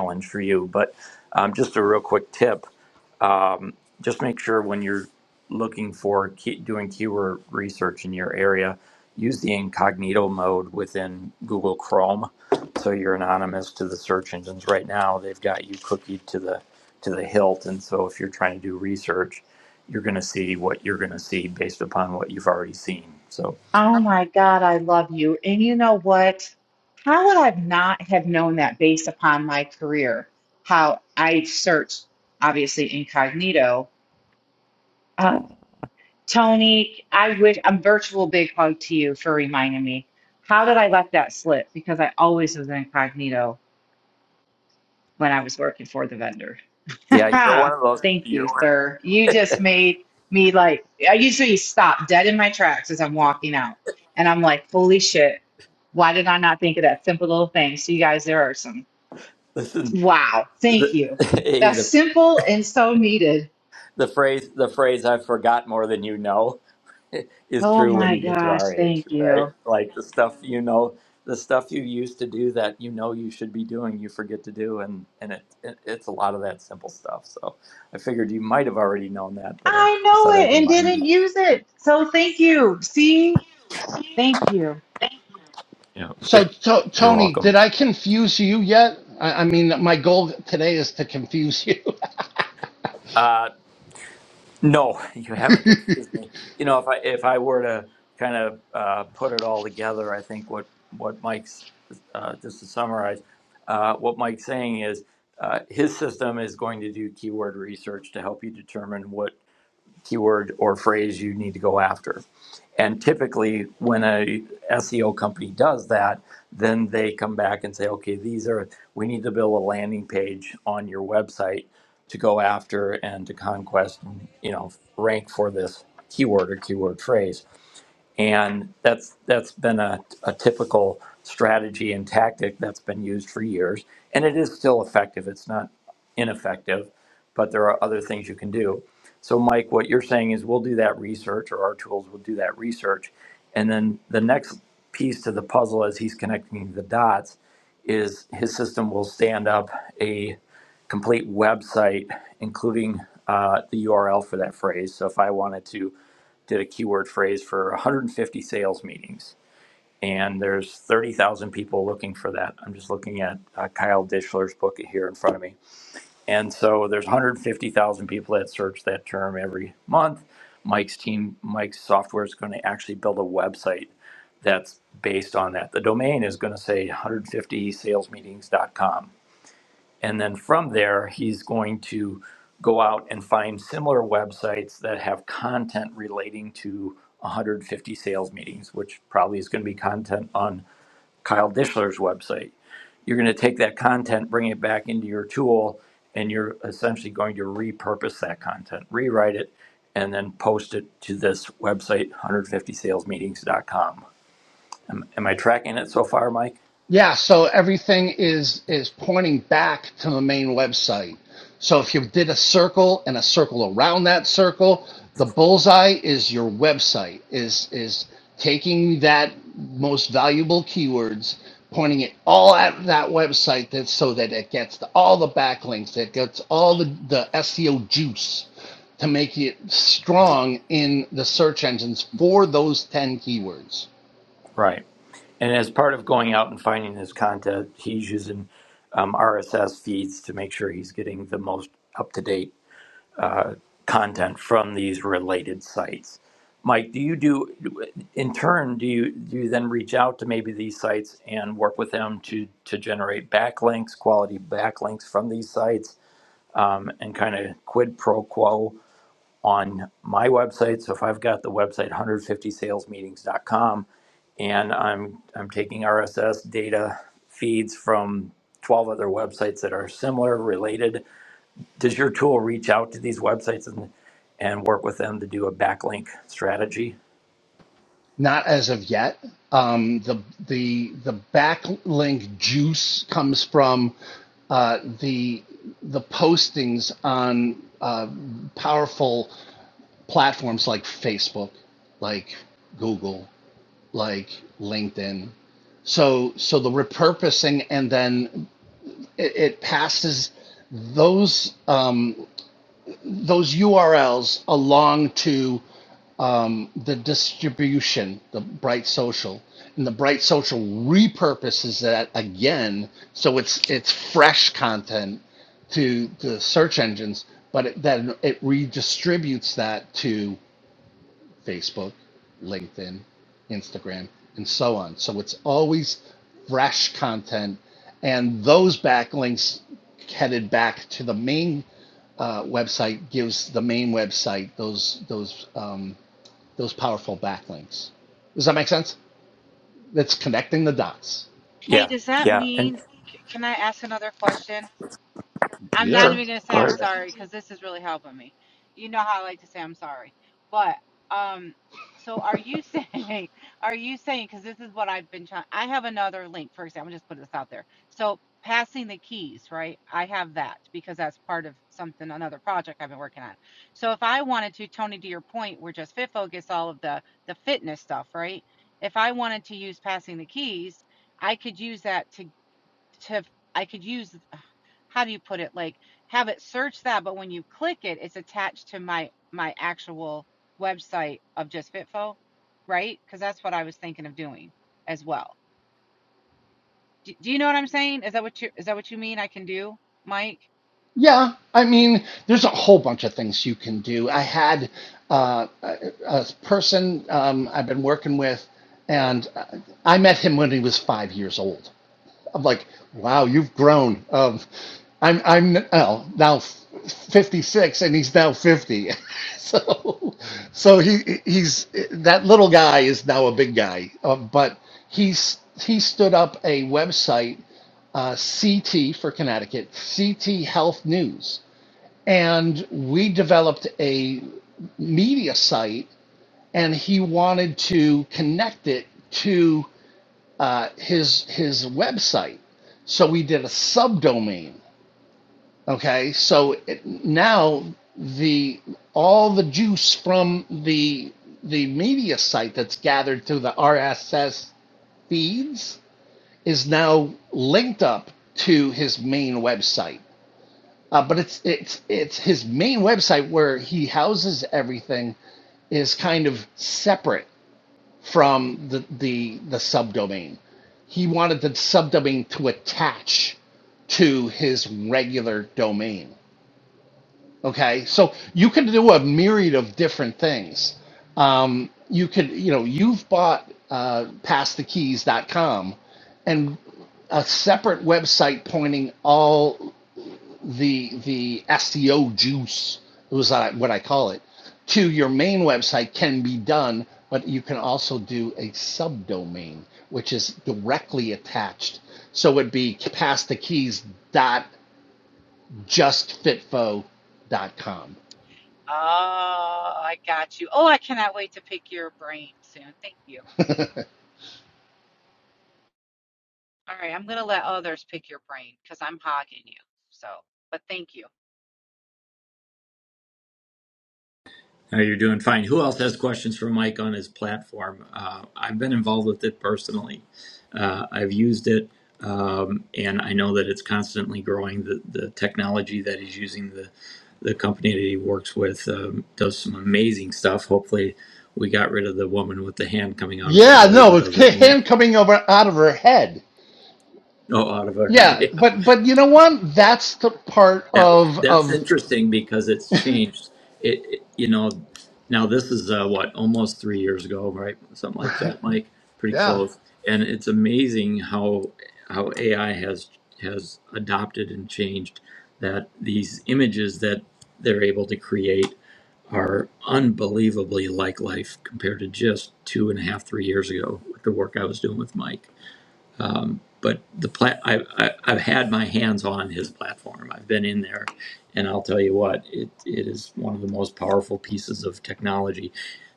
Speaker 2: ones for you. But um, just a real quick tip. just make sure when you're looking for key, doing keyword research in your area, use the incognito mode within Google Chrome, so you're anonymous to the search engines. Right now, they've got you cookied to the to the hilt, and so if you're trying to do research, you're going to see what you're going to see based upon what you've already seen. So
Speaker 5: Oh my God, I love you. And you know what? How would I not have known that based upon my career? How I searched, obviously incognito. Uh, Tony, I wish a virtual big hug to you for reminding me. How did I let that slip? Because I always was incognito when I was working for the vendor.
Speaker 2: yeah, you're
Speaker 5: Haha.
Speaker 2: one of those.
Speaker 5: Thank you,
Speaker 2: You're one-
Speaker 5: sir. You just made me like, I usually stop dead in my tracks as I'm walking out. And I'm like, holy shit, why did I not think of that simple little thing? So, you guys, there are some.
Speaker 2: listen.
Speaker 5: Wow. Thank you.
Speaker 2: hey,
Speaker 5: That's
Speaker 2: the
Speaker 5: simple and so needed.
Speaker 2: the phrase the phrase I've forgot more than you know is
Speaker 5: Oh
Speaker 2: true when
Speaker 5: my
Speaker 2: you get to
Speaker 5: gosh.
Speaker 2: our age,
Speaker 5: Thank
Speaker 2: right?
Speaker 5: you.
Speaker 2: Like the stuff you know, the stuff you used to do that you know you should be doing, you forget to do, and and it, it it's a lot of that simple stuff. So I figured you might have already known that, but I
Speaker 5: I
Speaker 2: just
Speaker 5: know
Speaker 2: thought I'd
Speaker 5: it and
Speaker 2: remind you.
Speaker 5: didn't use it. So, thank you. See, thank you.
Speaker 2: Yeah,
Speaker 6: so
Speaker 2: you're
Speaker 6: to-
Speaker 2: you're
Speaker 6: tony
Speaker 2: welcome.
Speaker 6: did i confuse you yet I-, I mean my goal today is to confuse you
Speaker 2: Uh, No, you haven't confused me. You know, if I if I were to kind of uh, put it all together, I think what what Mike's uh, just to summarize, uh, what Mike's saying is uh, his system is going to do keyword research to help you determine what keyword or phrase you need to go after. And typically, when a SEO company does that, then they come back and say, okay, these are, we need to build a landing page on your website to go after and to conquest, and, you know, rank for this keyword or keyword phrase. And that's that's been a, a typical strategy and tactic that's been used for years. And it is still effective. It's not ineffective, but there are other things you can do. So Mike, what you're saying is we'll do that research or our tools will do that research. And then the next piece to the puzzle as he's connecting the dots is his system will stand up a complete website, including uh, the URL for that phrase. So if I wanted to did a keyword phrase for 150 sales meetings, and there's 30,000 people looking for that. I'm just looking at uh, Kyle Dishler's book here in front of me, and so there's 150,000 people that search that term every month. Mike's team, Mike's software is going to actually build a website that's based on that. The domain is going to say 150salesmeetings.com and then from there, he's going to go out and find similar websites that have content relating to 150 sales meetings, which probably is going to be content on Kyle Dishler's website. You're going to take that content, bring it back into your tool, and you're essentially going to repurpose that content, rewrite it, and then post it to this website, 150salesmeetings.com. Am, am I tracking it so far, Mike?
Speaker 6: Yeah, so everything is is pointing back to the main website. So if you did a circle and a circle around that circle, the bullseye is your website. Is is taking that most valuable keywords, pointing it all at that website that so that it gets the, all the backlinks, it gets all the the SEO juice to make it strong in the search engines for those 10 keywords.
Speaker 2: Right. And as part of going out and finding this content, he's using um, RSS feeds to make sure he's getting the most up to date uh, content from these related sites. Mike, do you do, in turn, do you, do you then reach out to maybe these sites and work with them to, to generate backlinks, quality backlinks from these sites, um, and kind of quid pro quo on my website. So if I've got the website 150salesmeetings.com and I'm I'm taking RSS data feeds from 12 other websites that are similar related, does your tool reach out to these websites and and work with them to do a backlink strategy?
Speaker 6: Not as of yet. Um, the the the backlink juice comes from uh, the the postings on uh, powerful platforms like Facebook, like Google, like LinkedIn. So so the repurposing and then it, it passes those um, those URLs along to um, the distribution, the Bright Social, and the Bright Social repurposes that again, so it's it's fresh content to the search engines, but it, then it redistributes that to Facebook, LinkedIn, Instagram, and so on. So it's always fresh content, and those backlinks headed back to the main uh, website gives the main website those those. Um, those powerful backlinks. Does that make sense? That's connecting the dots.
Speaker 5: Hey,
Speaker 2: Yeah.
Speaker 5: does that
Speaker 2: Yeah. and.
Speaker 5: mean, c- can I ask another question? I'm not
Speaker 6: Yeah.
Speaker 5: even gonna say I'm sorry because this is really helping me. You know how I like to say I'm sorry, but um, so are you saying? Are you saying? Because this is what I've been trying. I have another link. For example, just put this out there. So passing the keys, right? I have that because that's part of something another project I've been working on. So if I wanted to, Tony, to your point, we're just fit focus all of the the fitness stuff, right? If I wanted to use passing the keys, I could use that to to I could use how do you put it like have it search that but when you click it it's attached to my my actual website of just fitfo right because that's what I was thinking of doing as well do, do you know what I'm saying is that what you is that what you mean I can do Mike
Speaker 6: Yeah, I mean, there's a whole bunch of things you can do. I had uh, a, a person um, I've been working with, and I met him when he was five years old. I'm like, wow, you've grown. Um, I'm I'm oh, now 56, and he's now 50. so so he he's that little guy is now a big guy. Um, but he's he stood up a website, uh, CT for Connecticut, CT Health News, and we developed a media site, and he wanted to connect it to uh, his his website. So we did a subdomain. Okay, so it, now the all the juice from the the media site that's gathered through the RSS feeds is now linked up to his main website. Uh, but it's it's it's his main website where he houses everything is kind of separate from the, the, the subdomain. He wanted the subdomain to attach to his regular domain. Okay, so you can do a myriad of different things. Um, you could, you know, you've bought uh, passthekeys.com and a separate website pointing all the the SEO juice was uh, what I call it to your main website can be done, but you can also do a subdomain which is directly attached. So it would be pass the keys dot just fit fo dot com.
Speaker 5: oh I got you oh I cannot wait to pick your brain soon thank you all right I'm gonna let others pick your brain because I'm hogging you so but thank you
Speaker 2: No, you're doing fine. Who else has questions for Mike on his platform? Uh, I've been involved with it personally. Uh, I've used it, um, and I know that it's constantly growing. The, the technology that he's using, the the company that he works with, um, does some amazing stuff. Hopefully, we got rid of the woman with the hand coming out of the
Speaker 6: Yeah,
Speaker 2: belly,
Speaker 6: no,
Speaker 2: but
Speaker 6: it's
Speaker 2: other
Speaker 6: ca-
Speaker 2: than that,
Speaker 6: him coming over out of her head.
Speaker 2: no, out of her.
Speaker 6: Yeah, but but you know what? That's the part
Speaker 2: That
Speaker 6: of
Speaker 2: that's
Speaker 6: of
Speaker 2: interesting because it's changed. It, it- you know now this is uh, what almost three years ago, right? Something like that, Mike. Pretty
Speaker 6: yeah
Speaker 2: close. And it's amazing how how AI has has adopted and changed that these images that they're able to create are unbelievably like life compared to just two and a half, three years ago with the work I was doing with Mike. Um, but the plat I, I I've had my hands on his platform. I've been in there, and I'll tell you what, it it is one of the most powerful pieces of technology.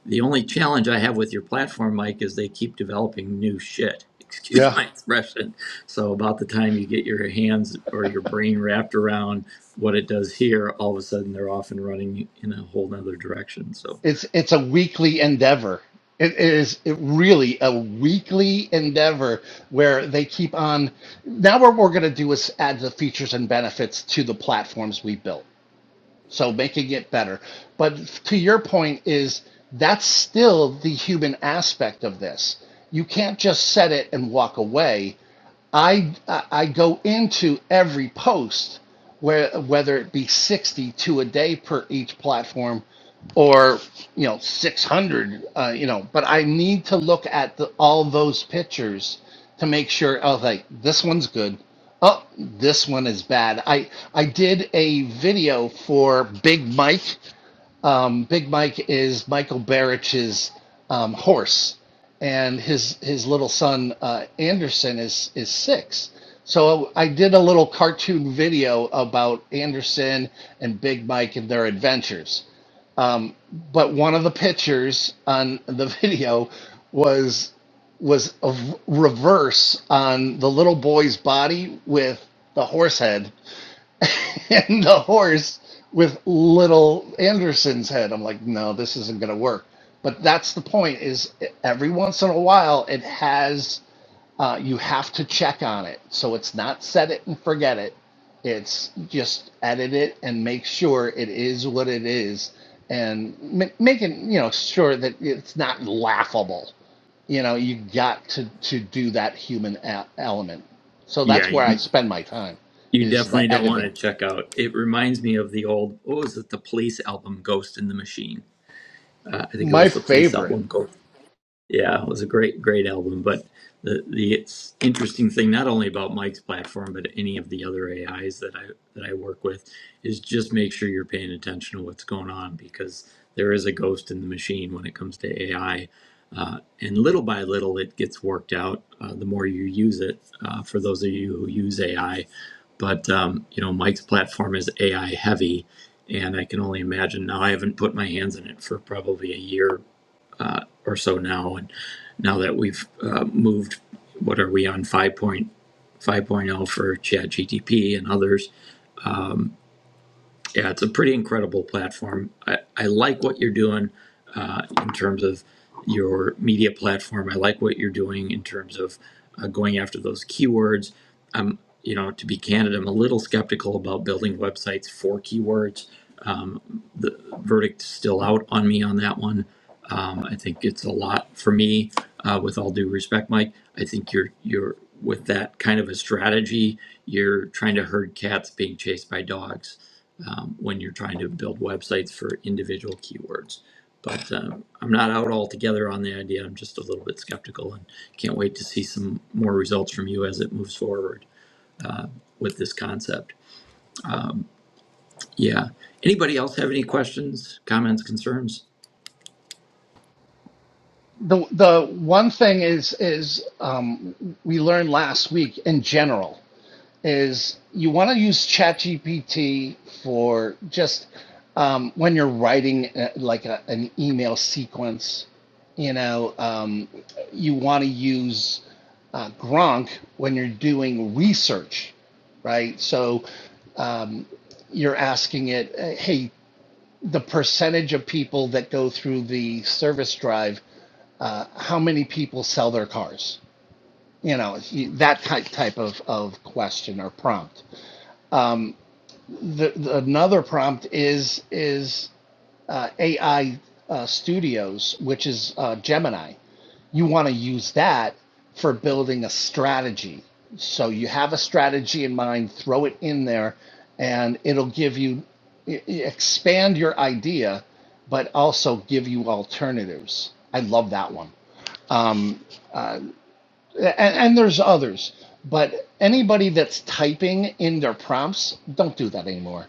Speaker 2: The only challenge I have with your platform, Mike, is they keep developing new shit. Excuse
Speaker 6: yeah
Speaker 2: my expression. So about the time you get your hands or your brain wrapped around what it does here, all of a sudden they're off and running in a whole nother direction. So
Speaker 6: It's it's a weekly endeavor. It is it really a weekly endeavor where they keep on. Now what we're going to do is add the features and benefits to the platforms we built, so making it better. But to your point is that's still the human aspect of this. You can't just set it and walk away. I I go into every post where whether it be 60 to a day per each platform or you know 600 uh, you know but I need to look at the, all those pictures to make sure oh like this one's good oh this one is bad I I did a video for Big Mike um, Big Mike is Michael Barich's um, horse, and his his little son uh, Anderson is is six. So I did a little cartoon video about Anderson and Big Mike and their adventures. Um, but one of the pictures on the video was was a v- reverse on the little boy's body with the horse head and the horse with little Anderson's head. I'm like, no, this isn't going to work. But that's the point is every once in a while it has uh, you have to check on it. So it's not set it and forget it. It's just edit it and make sure it is what it is and ma- making, you know, sure that it's not laughable you know you got to to do that human e- element so
Speaker 2: yeah,
Speaker 6: that's where i
Speaker 2: you,
Speaker 6: spend my time
Speaker 2: You
Speaker 6: is
Speaker 2: definitely
Speaker 6: the
Speaker 2: don't want
Speaker 6: editing
Speaker 2: to check out. It reminds me of the old, what was it, the Police album, Ghost in the Machine. Uh, I think it
Speaker 6: My
Speaker 2: was the Police
Speaker 6: favorite.
Speaker 2: album, Ghost. Yeah, it was a great, great album. But the the it's interesting thing, not only about Mike's platform, but any of the other AIs that I that I work with, is just make sure you're paying attention to what's going on because there is a ghost in the machine when it comes to AI. Uh, and little by little, it gets worked out. Uh, the more you use it, uh, for those of you who use AI, but um, you know, Mike's platform is AI heavy, and I can only imagine now. I haven't put my hands in it for probably a year uh, or so now. And now that we've uh, moved, what are we on 5.5.0 for ChatGTP and others? Yeah, it's a pretty incredible platform. I, I like what you're doing uh, in terms of your media platform. I like what you're doing in terms of uh, going after those keywords. I'm, you know, to be candid, I'm a little skeptical about building websites for keywords. Um, the verdict's still out on me on that one. Um, I think it's a lot for me. Uh, with all due respect, Mike, I think you're you're with that kind of a strategy, you're trying to herd cats being chased by dogs um, when you're trying to build websites for individual keywords. But uh, I'm not out altogether on the idea. I'm just a little bit skeptical and can't wait to see some more results from you as it moves forward with this concept. Yeah. Anybody else have any questions, comments, concerns?
Speaker 6: The the one thing is is um, we learned last week in general is you want to use ChatGPT for just um, when you're writing uh, like a, an email sequence. You know, um, you want to use uh, Gronk when you're doing research, right? So um, you're asking it, uh, hey, the percentage of people that go through the service drive, uh, how many people sell their cars? You know, that type type of, of question or prompt. The, the, another prompt is is uh, AI uh, Studios, which is uh, Gemini. You want to use that for building a strategy. So you have a strategy in mind, throw it in there, and it'll give you e, e, expand your idea, but also give you alternatives. I love that one and, and there's others, but anybody that's typing in their prompts, don't do that anymore.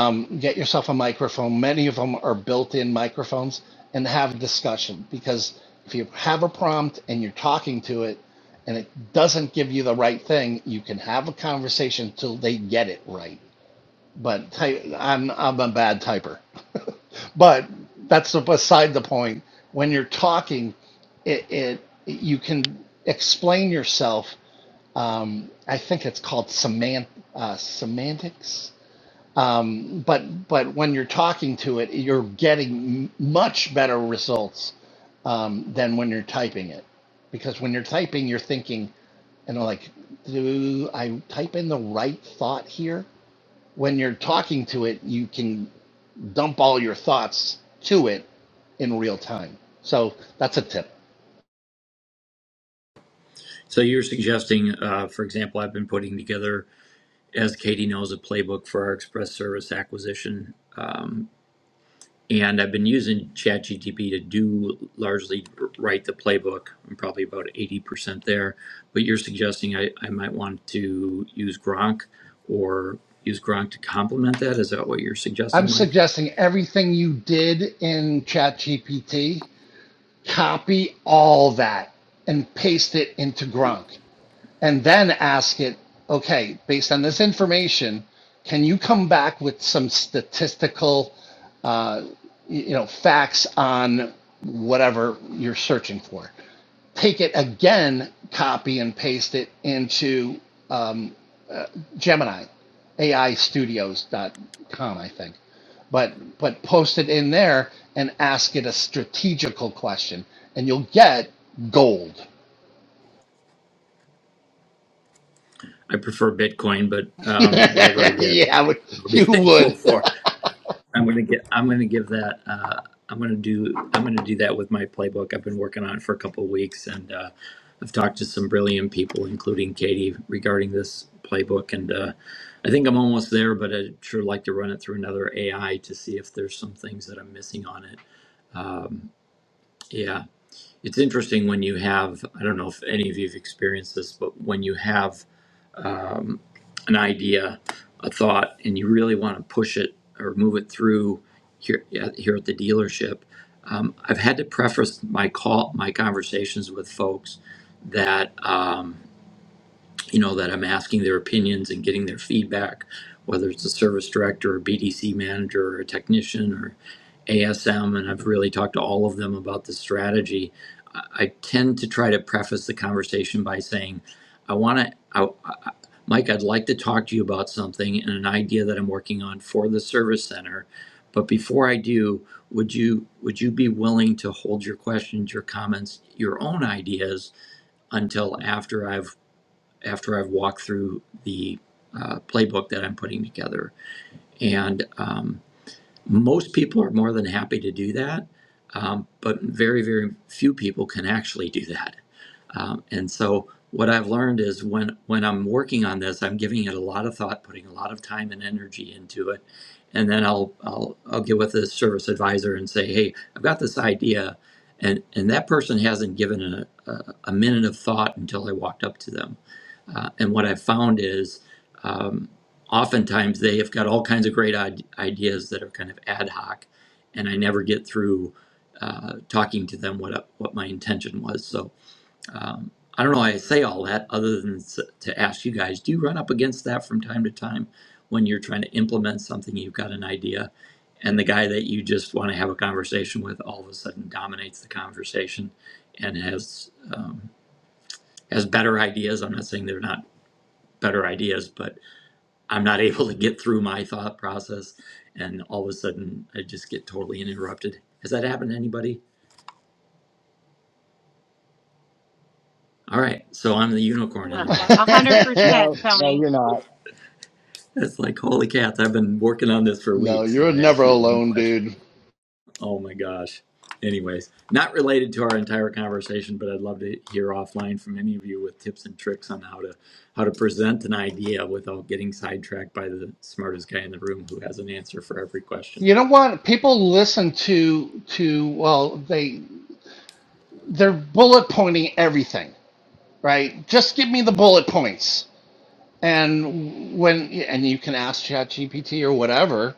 Speaker 6: Um, get yourself a microphone. Many of them are built in microphones and have a discussion because if you have a prompt and you're talking to it and it doesn't give you the right thing, you can have a conversation till they get it right. But type, I'm, I'm a bad typer. But that's beside the point. When you're talking, it, it you can explain yourself. Um, I think it's called semant, uh, semantics um, but but when you're talking to it, you're getting m- much better results um, than when you're typing it, because when you're typing, you're thinking and I'm like, do I type in the right thought here? When you're talking to it, you can dump all your thoughts to it in real time. So that's a tip.
Speaker 2: So you're suggesting, uh, for example, I've been putting together, as Katie knows, a playbook for our express service acquisition. Um, And I've been using ChatGPT to do largely write the playbook. I'm probably about 80% there. But you're suggesting I, I might want to use Gronk or use Gronk to complement that? Is that what you're
Speaker 6: I'm
Speaker 2: suggesting, Mike?
Speaker 6: suggesting everything you did in ChatGPT, copy all that and paste it into Gronk. and then ask it, okay, based on this information, can you come back with some statistical, uh, you know, facts on whatever you're searching for? Take it again, copy and paste it into um, Gemini, A I studios dot com, I think. But but post it in there and ask it a strategical question, and you'll get gold.
Speaker 2: I prefer Bitcoin, but um, whatever I get,
Speaker 6: yeah, I would-
Speaker 2: I'll be
Speaker 6: you
Speaker 2: thankful
Speaker 6: would.
Speaker 2: for. I'm gonna get. I'm gonna give that. Uh, I'm gonna do. I'm gonna do that with my playbook. I've been working on it for a couple of weeks, and uh, I've talked to some brilliant people, including Katie, regarding this playbook. And uh, I think I'm almost there, but I'd sure like to run it through another AI to see if there's some things that I'm missing on it. Yeah, it's interesting when you have. I don't know if any of you've experienced this, but when you have an idea, a thought, and you really want to push it or move it through here yeah, here at the dealership, um, I've had to preface my call my conversations with folks that. Um, you know that I'm asking their opinions and getting their feedback, whether it's a service director or BDC manager or a technician or ASM, and I've really talked to all of them about the strategy. I I tend to try to preface the conversation by saying, "I want to, I, I, Mike, I'd like to talk to you about something and an idea that I'm working on for the service center, but before I do, would you would you be willing to hold your questions, your comments, your own ideas?" until after I've after I've walked through the uh, playbook that I'm putting together. And um, most people are more than happy to do that, um, but very, very few people can actually do that. Um, and so, what I've learned is when when I'm working on this, I'm giving it a lot of thought, putting a lot of time and energy into it, and then I'll I'll I'll get with the service advisor and say, hey, I've got this idea, and and that person hasn't given a a, a minute of thought until I walked up to them, uh, and what I've found is. um, oftentimes they have got all kinds of great ideas that are kind of ad hoc, and I never get through uh, talking to them what what my intention was. So um, I don't know. why I say all that other than s- to ask you guys: Do you run up against that from time to time when you're trying to implement something? You've got an idea, and the guy that you just want to have a conversation with all of a sudden dominates the conversation and has um, has better ideas. I'm not saying they're not better ideas, but I'm not able to get through my thought process, and all of a sudden I just get totally interrupted. Has that happened to anybody? All right, so I'm the unicorn in
Speaker 5: Uh,
Speaker 2: the room.
Speaker 5: a hundred percent
Speaker 3: No, no,
Speaker 5: Tony
Speaker 3: you're not.
Speaker 2: It's like holy cats! I've been working on this for
Speaker 6: no,
Speaker 2: weeks, and
Speaker 6: you're
Speaker 2: I
Speaker 6: never
Speaker 2: ask you one
Speaker 6: alone,
Speaker 2: question.
Speaker 6: dude.
Speaker 2: Oh my gosh! Anyways, not related to our entire conversation, but I'd love to hear offline from any of you with tips and tricks on how to how to present an idea without getting sidetracked by the smartest guy in the room who has an answer for every question.
Speaker 6: You know what? People listen to to well, they they're bullet pointing everything, right? Just give me the bullet points. And when and you can ask ChatGPT or whatever,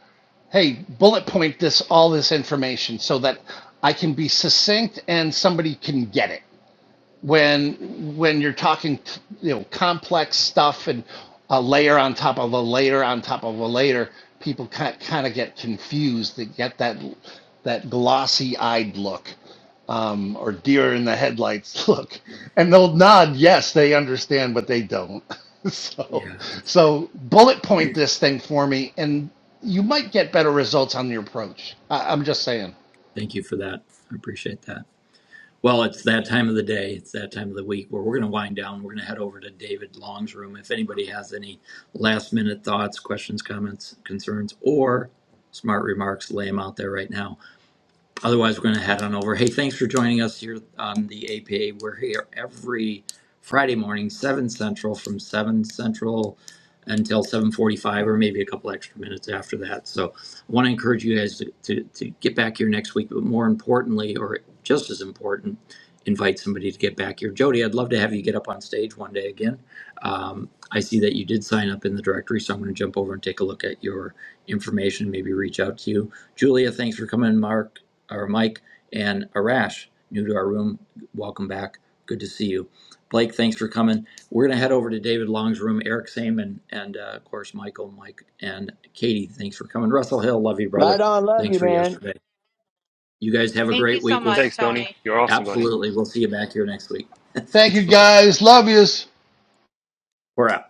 Speaker 6: hey, bullet point this all this information so that I can be succinct and somebody can get it. when when you're talking you know complex stuff and a layer on top of a layer on top of a layer people kind kind of get confused they get that that glossy eyed look um, or deer in the headlights look and they'll nod yes they understand but they don't so
Speaker 2: Yeah,
Speaker 6: so bullet point this thing for me and you might get better results on your approach I, i'm just saying
Speaker 2: thank you for that. I appreciate that. Well, it's that time of the day. It's that time of the week where we're going to wind down. We're going to head over to David Long's room. If anybody has any last minute thoughts, questions, comments, concerns, or smart remarks, lay them out there right now. Otherwise, we're going to head on over. Hey, thanks for joining us here on the APA. We're here every Friday morning, seven central, from seven central until seven forty-five, or maybe a couple extra minutes after that. So, I want to encourage you guys to, to, to get back here next week. But more importantly, or just as important, invite somebody to get back here. Jody, I'd love to have you get up on stage one day again um, I see that you did sign up in the directory, so I'm going to jump over and take a look at your information, maybe reach out to you. Julia, thanks for coming, Mark or Mike, and Arash, new to our room, welcome back. Good to see you. Blake, thanks for coming. We're going to head over to David Long's room, Eric Saman, and uh, of course, Michael, Mike, and Katie, thanks for coming. Russell Hill, love you,
Speaker 3: Right
Speaker 2: brother.
Speaker 3: on. Love
Speaker 2: Thanks
Speaker 3: you,
Speaker 2: for
Speaker 3: man.
Speaker 2: yesterday. You guys have a
Speaker 5: thank you
Speaker 2: great
Speaker 5: so
Speaker 2: week. We'll
Speaker 5: much
Speaker 4: Thanks, Tony.
Speaker 5: Tony
Speaker 4: You're awesome, buddy.
Speaker 2: absolutely, we'll see you back here next week.
Speaker 6: thank you
Speaker 2: thanks much.
Speaker 6: guys love yous.
Speaker 2: We're out.